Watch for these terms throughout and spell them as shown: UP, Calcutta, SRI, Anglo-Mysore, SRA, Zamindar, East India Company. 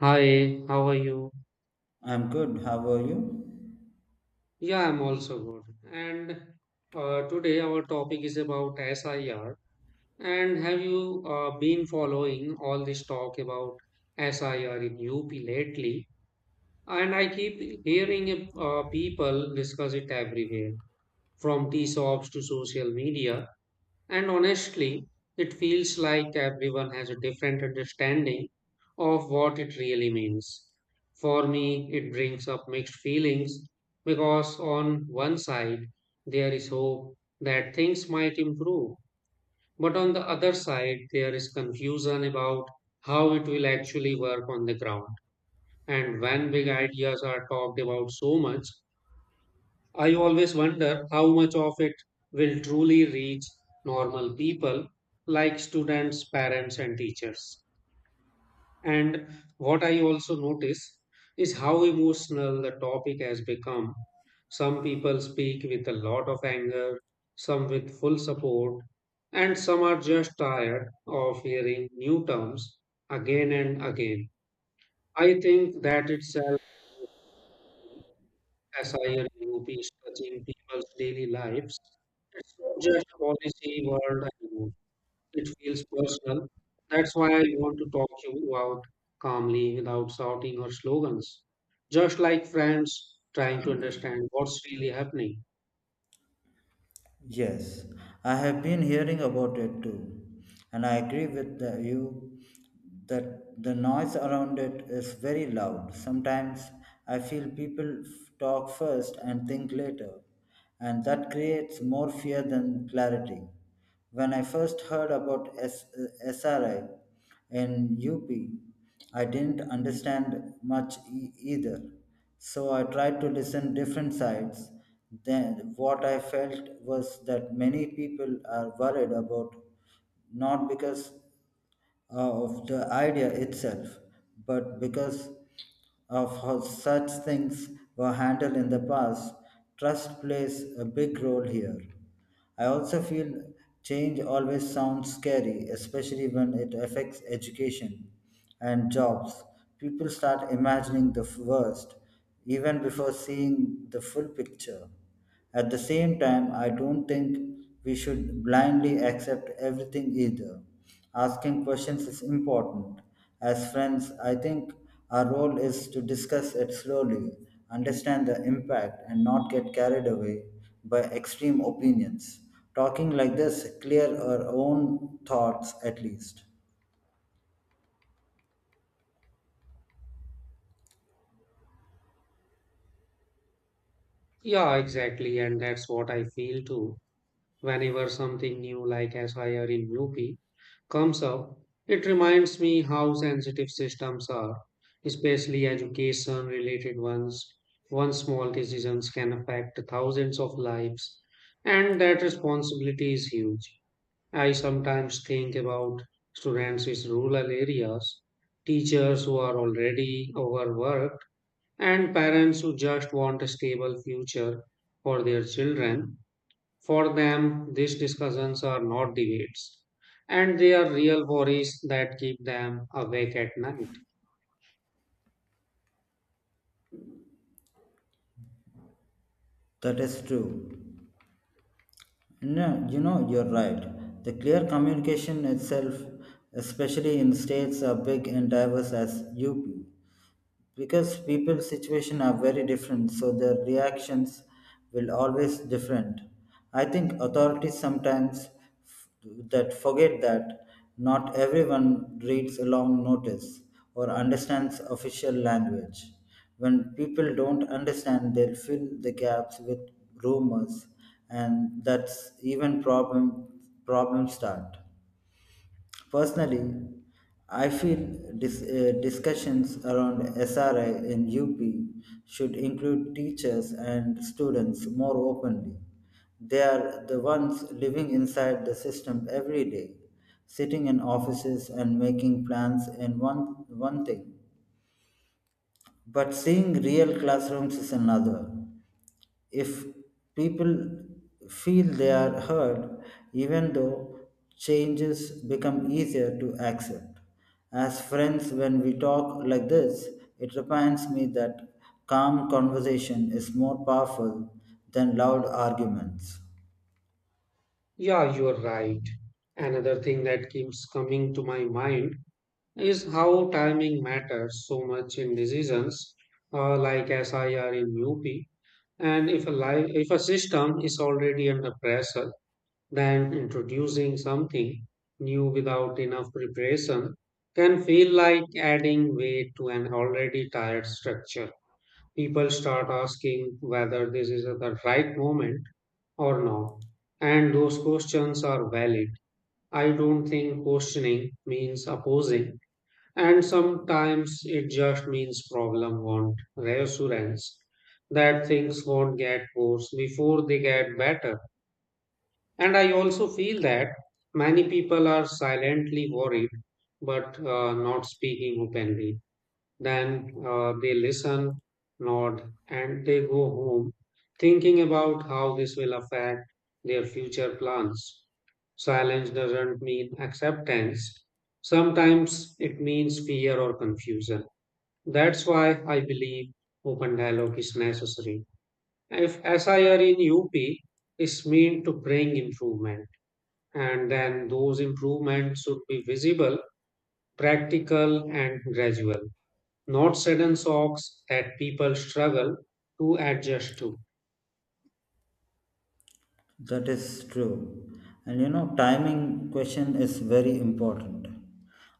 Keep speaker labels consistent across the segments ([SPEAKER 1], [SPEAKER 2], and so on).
[SPEAKER 1] Hi, how are you?
[SPEAKER 2] I'm good. How are you?
[SPEAKER 1] Yeah, I'm also good. And today our topic is about SIR. And have you been following all this talk about SIR in UP lately? And I keep hearing people discuss it everywhere, from tea shops to social media. And honestly, it feels like everyone has a different understanding of what it really means. For me, it brings up mixed feelings because, on one side, there is hope that things might improve, but on the other side, there is confusion about how it will actually work on the ground. And when big ideas are talked about so much, I always wonder how much of it will truly reach normal people like students, parents, and teachers. And what I also notice is how emotional the topic has become. Some people speak with a lot of anger, some with full support, and some are just tired of hearing new terms again and again. I think that itself as I UP is touching people's daily lives. It's not just a policy world anymore. It feels personal. That's why I want to talk to you out calmly without shouting or slogans. Just like friends trying to understand what's really happening.
[SPEAKER 2] Yes, I have been hearing about it too, and I agree with you that the noise around it is very loud. Sometimes I feel people talk first and think later, and that creates more fear than clarity. When I first heard about SRI in UP, I didn't understand much either. So I tried to listen different sides. Then what I felt was that many people are worried about not because of the idea itself, but because of how such things were handled in the past. Trust plays a big role here. I also feel change always sounds scary, especially when it affects education and jobs. People start imagining the worst even before seeing the full picture. At the same time, I don't think we should blindly accept everything either. Asking questions is important. As friends, I think our role is to discuss it slowly, understand the impact, and not get carried away by extreme opinions. Talking like this clear our own thoughts at least.
[SPEAKER 1] Yeah, exactly. And that's what I feel too. Whenever something new like SIR in UP comes up, it reminds me how sensitive systems are, especially education related ones. One small decisions can affect thousands of lives, and that responsibility is huge. I sometimes think about students in rural areas, teachers who are already overworked, and parents who just want a stable future for their children. For them, these discussions are not debates, and they are real worries that keep them awake at night.
[SPEAKER 2] That is true. No, you know, you're right. The clear communication itself, especially in states are big and diverse as UP, because people's situation are very different, so their reactions will always different. I think authorities sometimes f- that forget that not everyone reads a long notice or understands official language. When people don't understand, they'll fill the gaps with rumors, and that's even problem start. Personally, I feel discussions around SRI in UP should include teachers and students more openly. They are the ones living inside the system every day, sitting in offices and making plans in one thing. But seeing real classrooms is another. If people feel they are heard, even though changes become easier to accept. As friends, when we talk like this, it reminds me that calm conversation is more powerful than loud arguments.
[SPEAKER 1] Yeah, you're right. Another thing that keeps coming to my mind is how timing matters so much in decisions like SIR in UP. And if a system is already under pressure, than introducing something new without enough preparation can feel like adding weight to an already tired structure. People start asking whether this is the right moment or not, and those questions are valid. I don't think questioning means opposing, and sometimes it just means problem want reassurance that things won't get worse before they get better. And I also feel that many people are silently worried but not speaking openly. Then they listen, nod, and they go home thinking about how this will affect their future plans. Silence doesn't mean acceptance, sometimes it means fear or confusion. That's why I believe open dialogue is necessary. If SIR in UP is meant to bring improvement, and then those improvements should be visible, practical, and gradual, not sudden shocks that people struggle to adjust to.
[SPEAKER 2] That is true. And you know, timing question is very important.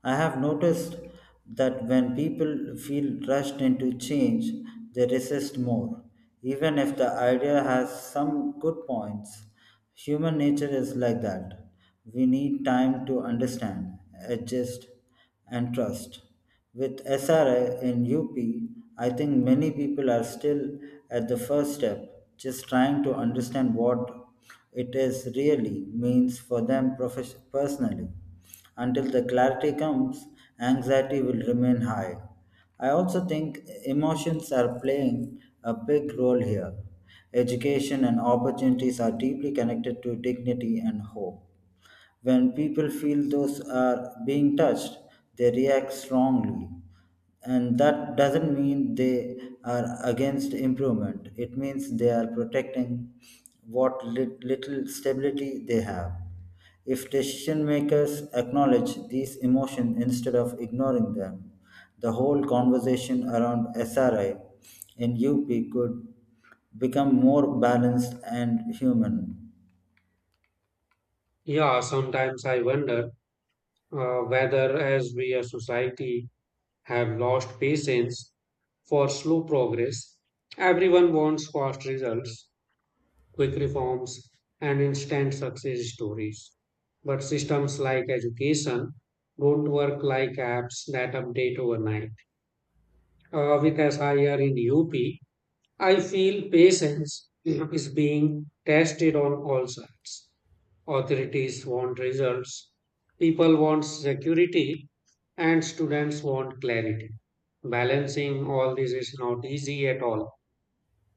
[SPEAKER 2] I have noticed that when people feel rushed into change, they resist more, even if the idea has some good points. Human nature is like that. We need time to understand, adjust, and trust. With SRA in UP, I think many people are still at the first step, just trying to understand what it is really means for them personally. Until the clarity comes, anxiety will remain high. I also think emotions are playing a big role here. Education and opportunities are deeply connected to dignity and hope. When people feel those are being touched, they react strongly. And that doesn't mean they are against improvement, it means they are protecting what little stability they have. If decision makers acknowledge these emotions instead of ignoring them, the whole conversation around SRI in UP could become more balanced and human.
[SPEAKER 1] Yeah, sometimes I wonder whether, as we as society have lost patience for slow progress, everyone wants fast results, quick reforms, and instant success stories. But systems like education don't work like apps that update overnight because I are in UP, I feel patience is being tested on all sides. Authorities want results, people want security, and students want clarity. Balancing all this is not easy at all.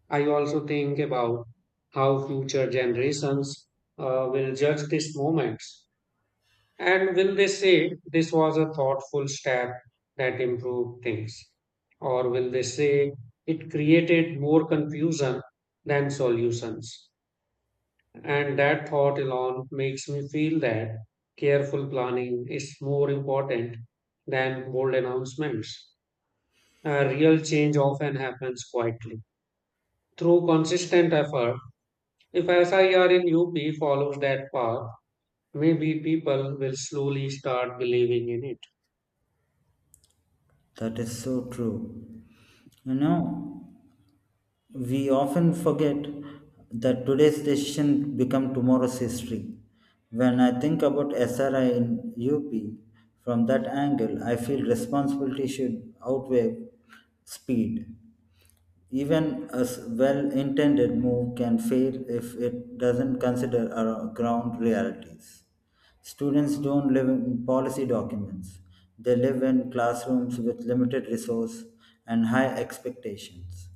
[SPEAKER 1] I also think about how future generations will judge these moments. And will they say this was a thoughtful step that improved things? Or will they say it created more confusion than solutions? And that thought alone makes me feel that careful planning is more important than bold announcements. A real change often happens quietly through consistent effort. If SIR in UP follows that path, maybe people will slowly start believing in it.
[SPEAKER 2] That is so true. You know, we often forget that today's decision become tomorrow's history. When I think about SRI in UP, from that angle, I feel responsibility should outweigh speed. Even a well intended move can fail if it doesn't consider our ground realities. Students don't live in policy documents, they live in classrooms with limited resource and high expectations.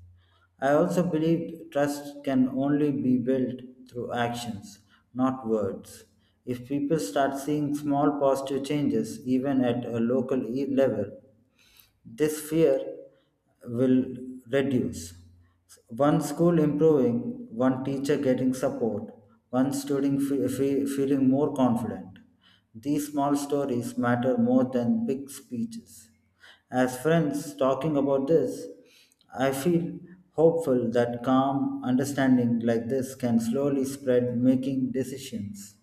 [SPEAKER 2] I also believe trust can only be built through actions, not words. If people start seeing small positive changes, even at a local level, this fear will reduce. One school improving, one teacher getting support, one student feeling more confident. These small stories matter more than big speeches. As friends talking about this, I feel hopeful that calm understanding like this can slowly spread, making decisions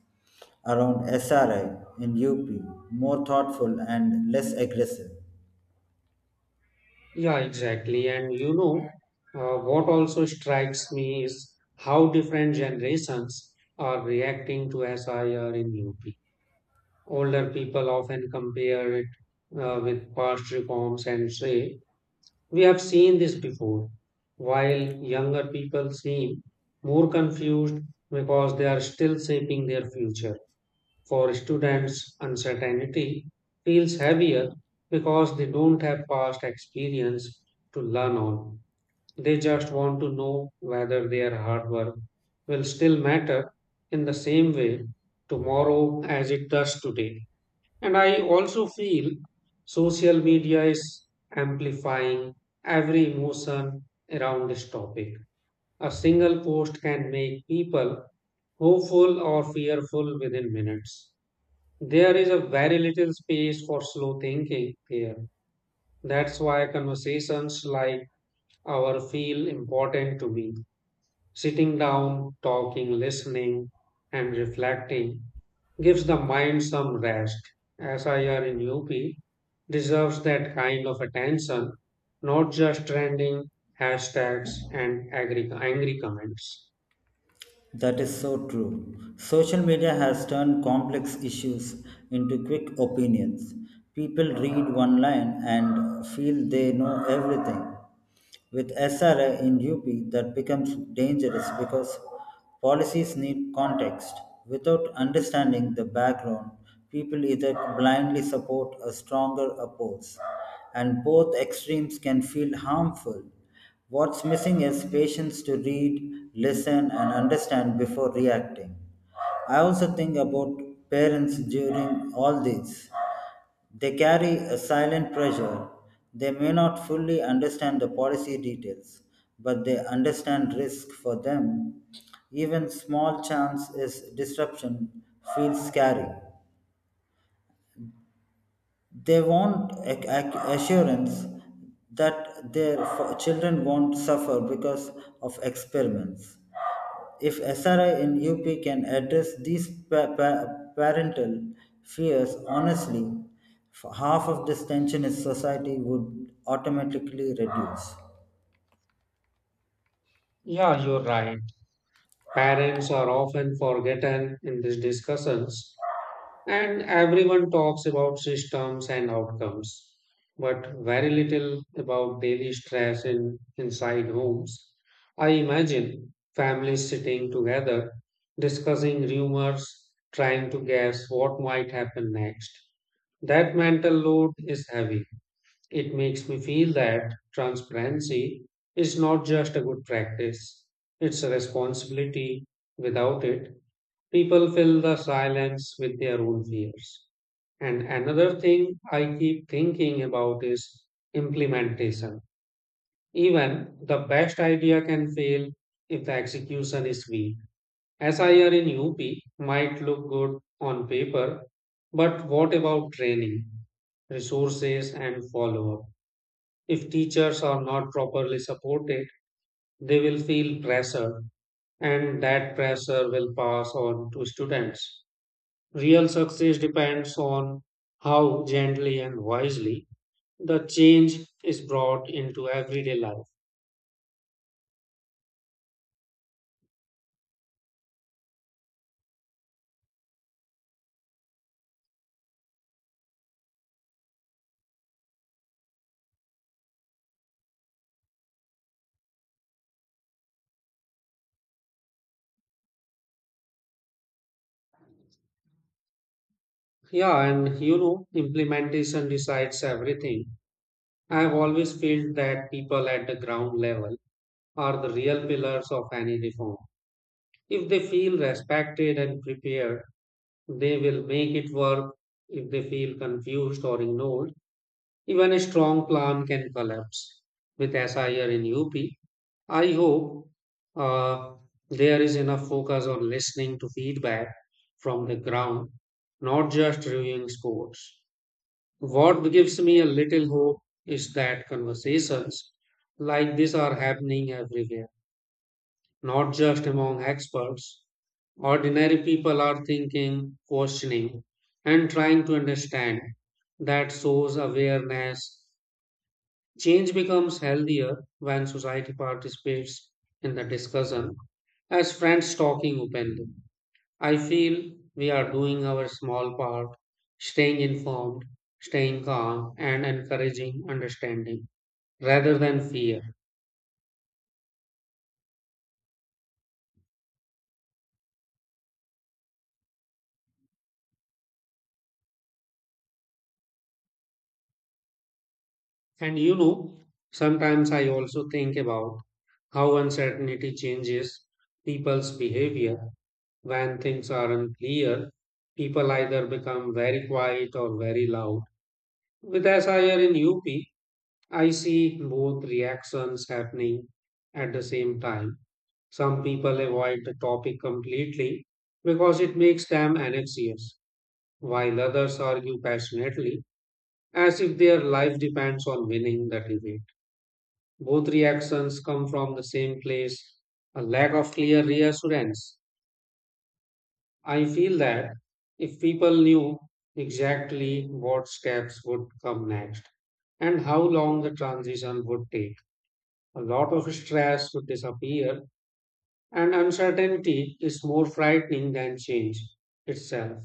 [SPEAKER 2] around SRI in UP more thoughtful and less aggressive.
[SPEAKER 1] Yeah, exactly. And you know, what also strikes me is how different generations are reacting to SIR in UP. Older people often compare it with past reforms and say, we have seen this before, while younger people seem more confused because they are still shaping their future. For students, uncertainty feels heavier because they don't have past experience to learn on. They just want to know whether their hard work will still matter in the same way tomorrow as it does today. And I also feel social media is amplifying every emotion around this topic. A single post can make people hopeful or fearful within minutes. There is a very little space for slow thinking here. That's why conversations like our feel important to me. Sitting down, talking, listening, and reflecting gives the mind some rest. SIR in UP deserves that kind of attention, not just trending hashtags and angry comments.
[SPEAKER 2] That is so true. Social media has turned complex issues into quick opinions. People read one line and feel they know everything. With SRA in UP, that becomes dangerous because policies need context. Without understanding the background, people either blindly support or stronger oppose, and both extremes can feel harmful. What's missing is patience to read, listen, and understand before reacting. I also think about parents during all this. They carry a silent pressure. They may not fully understand the policy details, but they understand risk for them. Even small chance is disruption feels scary. They want assurance that their children won't suffer because of experiments. If SRI in UP can address these parental fears honestly, half of this tension in society would automatically reduce.
[SPEAKER 1] Yeah, you're right. Parents are often forgotten in these discussions. And everyone talks about systems and outcomes, but very little about daily stress in inside homes. I imagine families sitting together, discussing rumors, trying to guess what might happen next. That mental load is heavy. It makes me feel that transparency is not just a good practice, it's a responsibility. Without it, people fill the silence with their own fears. And another thing I keep thinking about is implementation. Even the best idea can fail if the execution is weak. SIR in UP might look good on paper, but what about training, resources, and follow up? If teachers are not properly supported, they will feel pressure, and that pressure will pass on to students. Real success depends on how gently and wisely the change is brought into everyday life. Yeah, and you know, implementation decides everything. I have always felt that people at the ground level are the real pillars of any reform. If they feel respected and prepared, they will make it work. If they feel confused or ignored, even a strong plan can collapse. With SIR in UP, I hope uh, there is enough focus on listening to feedback from the ground, not just reviewing scores. What gives me a little hope is that conversations like this are happening everywhere, not just among experts. Ordinary people are thinking, questioning, and trying to understand. That shows awareness. Change becomes healthier when society participates in the discussion as friends talking openly. I feel we are doing our small part, staying informed, staying calm, and encouraging understanding rather than fear. And you know, sometimes I also think about how uncertainty changes people's behavior. When things are unclear, people either become very quiet or very loud. With SIR in UP, I see both reactions happening at the same time. Some people avoid the topic completely because it makes them anxious, while others argue passionately as if their life depends on winning the debate. Both reactions come from the same place, a lack of clear reassurance. I feel that if people knew exactly what steps would come next and how long the transition would take, a lot of stress would disappear, and uncertainty is more frightening than change itself.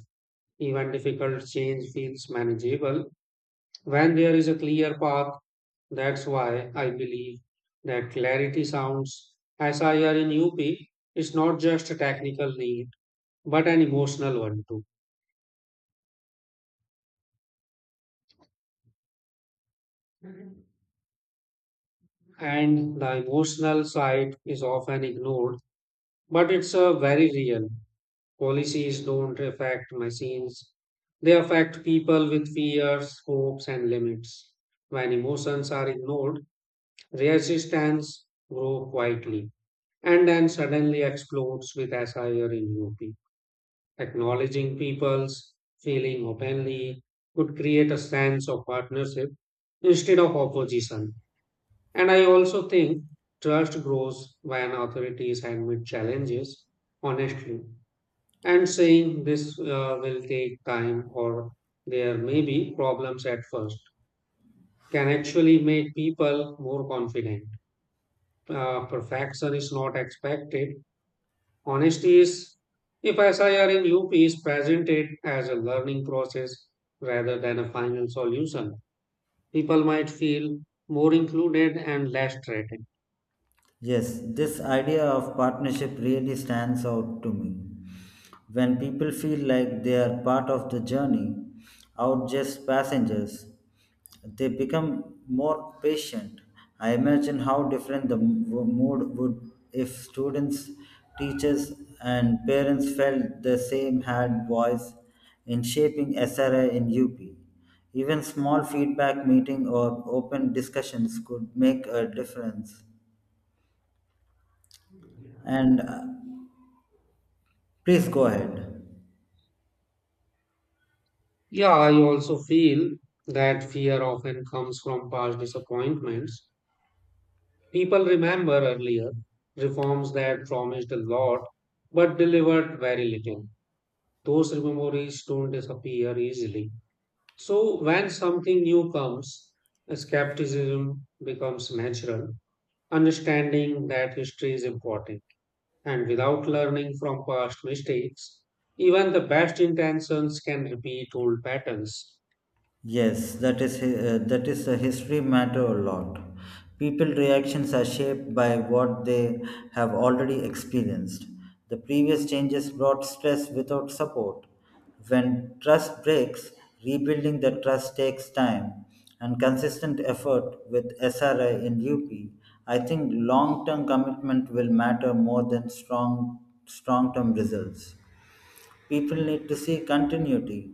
[SPEAKER 1] Even difficult change feels manageable when there is a clear path. That's why I believe that clarity sounds SIR in UP is not just a technical need, but an emotional one too. And the emotional side is often ignored, but it's a very real. Policies don't affect machines, they affect people with fears, hopes, and limits. When emotions are ignored, resistance grows quietly and then suddenly explodes with SIR in UP. Acknowledging people's feeling openly could create a sense of partnership instead of opposition. And I also think trust grows when authorities admit challenges honestly and saying this will take time or there may be problems at first can actually make people more confident. Perfection is not expected. Honesty is, if SIR in UP is presented as a learning process rather than a final solution, people might feel more included and less threatened.
[SPEAKER 2] Yes, this idea of partnership really stands out to me. When people feel like they are part of the journey, out just passengers, they become more patient. I imagine how different the mood would if students, teachers, and parents felt the same had voice in shaping SRI in UP. Even small feedback meeting or open discussions could make a difference. And please go ahead.
[SPEAKER 1] Yeah, I also feel that fear often comes from past disappointments. People remember earlier reforms that promised a lot but delivered very little. Those memories don't disappear easily. So, when something new comes, skepticism becomes natural. Understanding that history is important, and without learning from past mistakes, even the best intentions can repeat old patterns.
[SPEAKER 2] Yes, that is the history matter a lot. People reactions are shaped by what they have already experienced. The previous changes brought stress without support. When trust breaks, rebuilding the trust takes time and consistent effort. With SRI in UP, I think long-term commitment will matter more than strong-term results. People need to see continuity,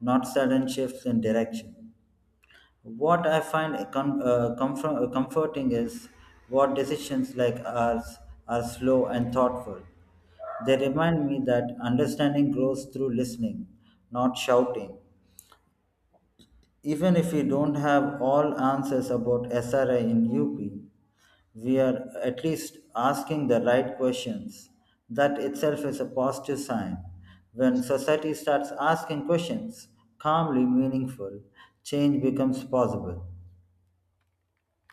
[SPEAKER 2] not sudden shifts in direction. What I find comfor- comforting is what decisions like ours are slow and thoughtful. They remind me that understanding grows through listening, not shouting. Even if we don't have all answers about SRI in UP, we are at least asking the right questions. That itself is a positive sign. When society starts asking questions, calmly meaningful, change becomes possible.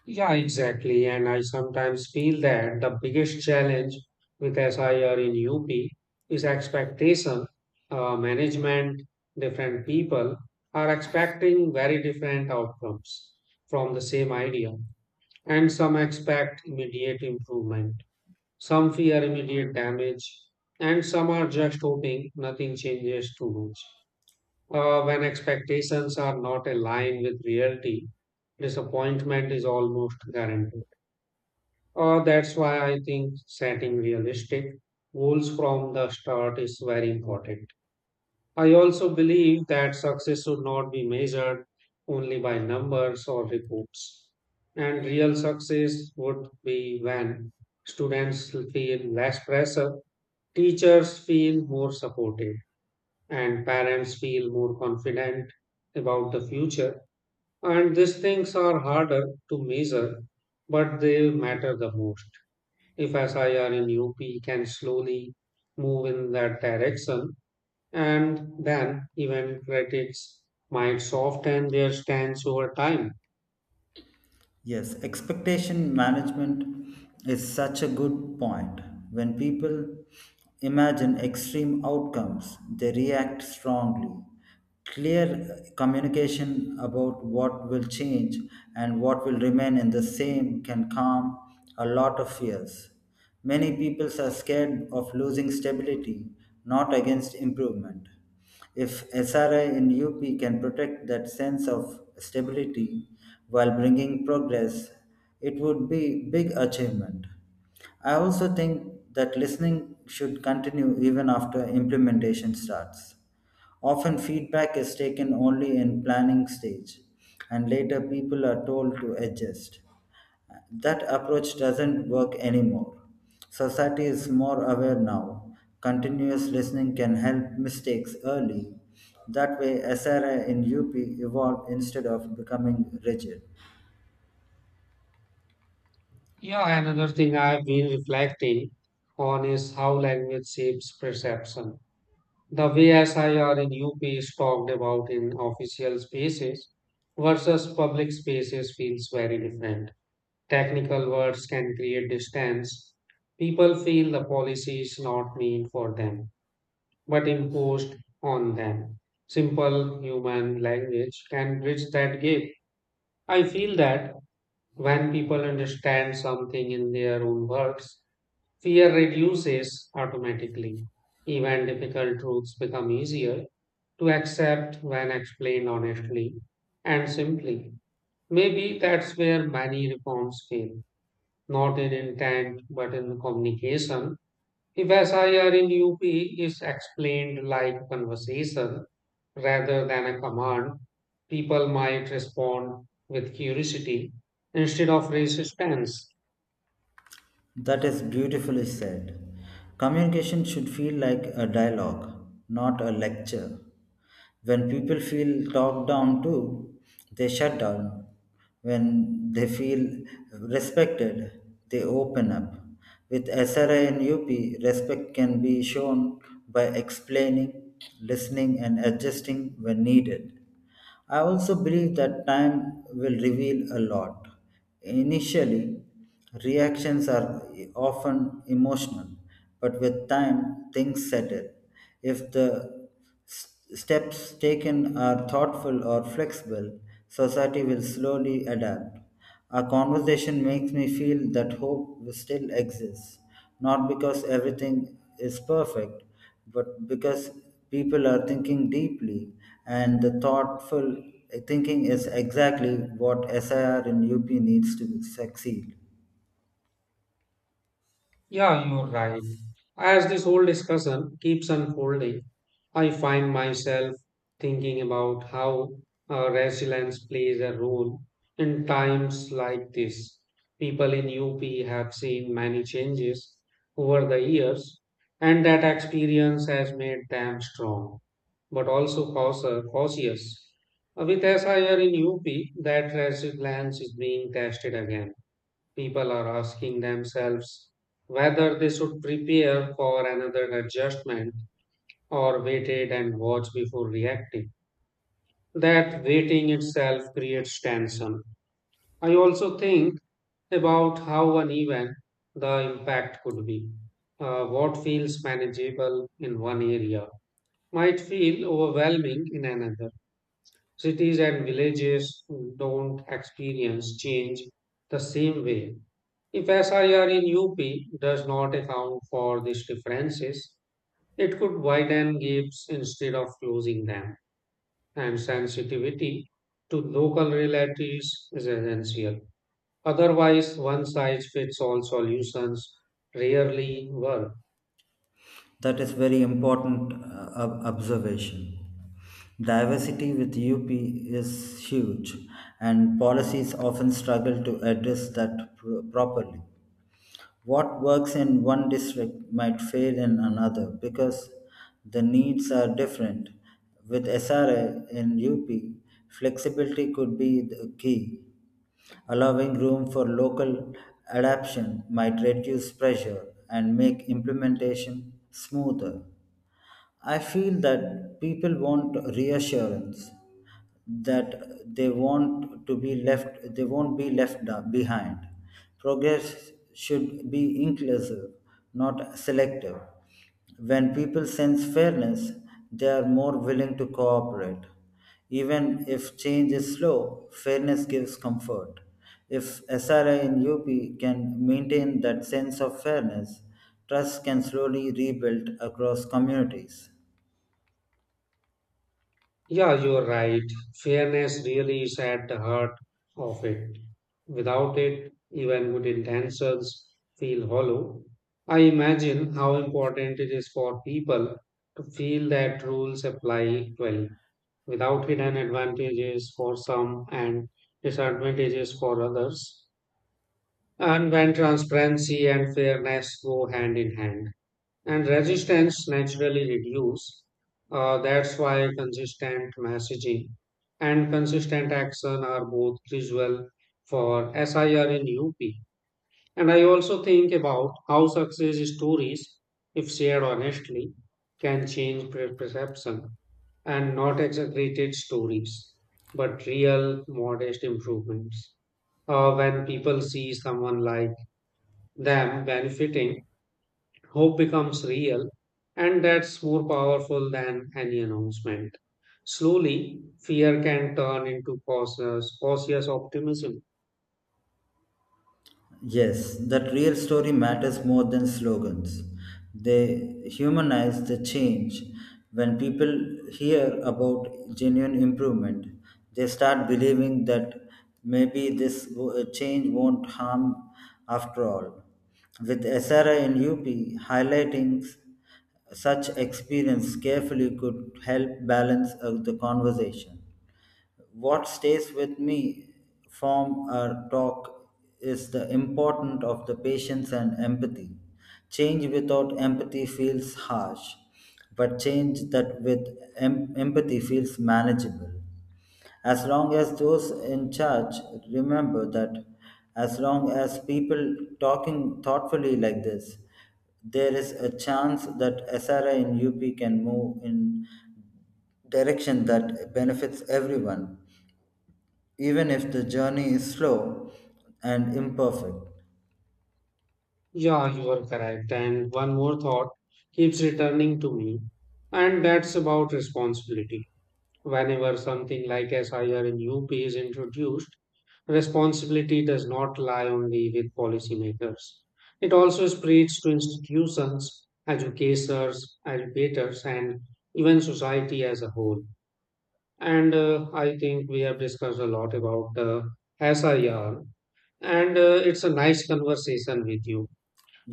[SPEAKER 1] Yeah, exactly. And I sometimes feel that the biggest challenge with SIR in UP is expectation. Management, different people are expecting very different outcomes from the same idea. And some expect immediate improvement, some fear immediate damage, and some are just hoping nothing changes too much. When expectations are not aligned with reality, disappointment is almost guaranteed. That's why I think setting realistic goals from the start is very important. I also believe that success should not be measured only by numbers or reports. And real success would be when students feel less pressure, teachers feel more supported, and parents feel more confident about the future. And these things are harder to measure, but they matter the most if SIR in UP can slowly move in that direction, and then even critics might soften their stance over time.
[SPEAKER 2] Yes, expectation management is such a good point. When people imagine extreme outcomes, they react strongly. Clear communication about what will change and what will remain in the same can calm a lot of fears. Many people are scared of losing stability, not against improvement. If SRI in UP can protect that sense of stability while bringing progress, it would be big achievement. I also think that listening should continue even after implementation starts. Often feedback is taken only in planning stage and later people are told to adjust. That approach doesn't work anymore. Society is more aware now. Continuous listening can help mistakes early. That way, SRI in UP evolved instead of becoming rigid.
[SPEAKER 1] Yeah, another thing I've been reflecting on is how language shapes perception. The way SIR in UP is talked about in official spaces versus public spaces feels very different. Technical words can create distance. People feel the policy is not meant for them but imposed on them. Simple human language can bridge that gap. I feel that when people understand something in their own words, fear reduces automatically. Even difficult truths become easier to accept when explained honestly and simply. Maybe that's where many reforms fail, not in intent but in communication. If SIR in UP is explained like a conversation, rather than a command, people might respond with curiosity instead of resistance.
[SPEAKER 2] That is beautifully said. Communication should feel like a dialogue, not a lecture. When people feel talked down to, they shut down. When they feel respected, they open up. With SRI and UP, respect can be shown by explaining, listening, and adjusting when needed. I also believe that time will reveal a lot. Initially, reactions are often emotional, but with time, things settle. If the steps taken are thoughtful or flexible, society will slowly adapt. Our conversation makes me feel that hope still exists, not because everything is perfect, but because people are thinking deeply, and the thoughtful thinking is exactly what SIR in UP needs to succeed.
[SPEAKER 1] Yeah, you're right. As this whole discussion keeps unfolding, I find myself thinking about how resilience plays a role in times like this. People in UP have seen many changes over the years, and that experience has made them strong, but also cautious. With SIR in UP, that resilience is being tested again. People are asking themselves whether they should prepare for another adjustment or wait and watch before reacting. That waiting itself creates tension. I also think about how uneven the impact could be. What feels manageable in one area might feel overwhelming in another. Cities and villages don't experience change the same way. If SIR in UP does not account for these differences, it could widen gaps instead of closing them, and sensitivity to local realities is essential. Otherwise, one size fits all solutions rarely work.
[SPEAKER 2] That is very important observation. Diversity with UP is huge, and policies often struggle to address that properly. What works in one district might fail in another because the needs are different. With SRA in UP, flexibility could be the key. Allowing room for local adaptation might reduce pressure and make implementation smoother. I feel that people want reassurance that they won't be left behind. Progress should be inclusive, not selective. When people sense fairness, they are more willing to cooperate. Even if change is slow, fairness gives comfort. If SRI in UP can maintain that sense of fairness, trust can slowly rebuild across communities.
[SPEAKER 1] Yeah, you're right. Fairness really is at the heart of it. Without it, even good intentions feel hollow. I imagine how important it is for people to feel that rules apply equally, without hidden advantages for some and disadvantages for others. And when transparency and fairness go hand in hand and resistance naturally reduce. That's why consistent messaging and consistent action are both crucial for SIR in UP. And I also think about how success stories, if shared honestly, can change perception and not exaggerated stories, but real modest improvements. When people see someone like them benefiting, hope becomes real, and that's more powerful than any announcement. Slowly, fear can turn into cautious optimism.
[SPEAKER 2] Yes, that real story matters more than slogans. They humanize the change. When people hear about genuine improvement, they start believing that maybe this change won't harm after all. With SRI and UP, highlighting such experience carefully could help balance the conversation. What stays with me from our talk is the importance of the patience and empathy. Change without empathy feels harsh, but change that with empathy feels manageable. As long as those in charge remember that, as long as people talking thoughtfully like this, there is a chance that SRI in UP can move in direction that benefits everyone, even if the journey is slow and imperfect.
[SPEAKER 1] Yeah, you are correct. And one more thought keeps returning to me, and that's about responsibility. Whenever something like SIR in UP is introduced, responsibility does not lie only with policymakers. It also spreads to institutions, educators, and even society as a whole. And I think we have discussed a lot about the SIR, and it's a nice conversation with you.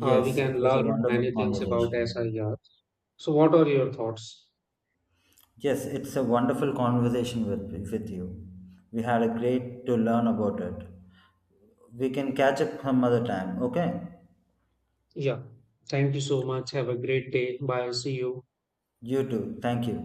[SPEAKER 1] We can
[SPEAKER 2] it was a
[SPEAKER 1] learn
[SPEAKER 2] wonderful
[SPEAKER 1] many things about
[SPEAKER 2] conversation.
[SPEAKER 1] SIR. So, what are your thoughts?
[SPEAKER 2] Yes, it's a wonderful conversation with you. We had a great to learn about it. We can catch up some other time, okay?
[SPEAKER 1] Yeah, thank you so much. Have a great day. Bye. See you.
[SPEAKER 2] You too. Thank you.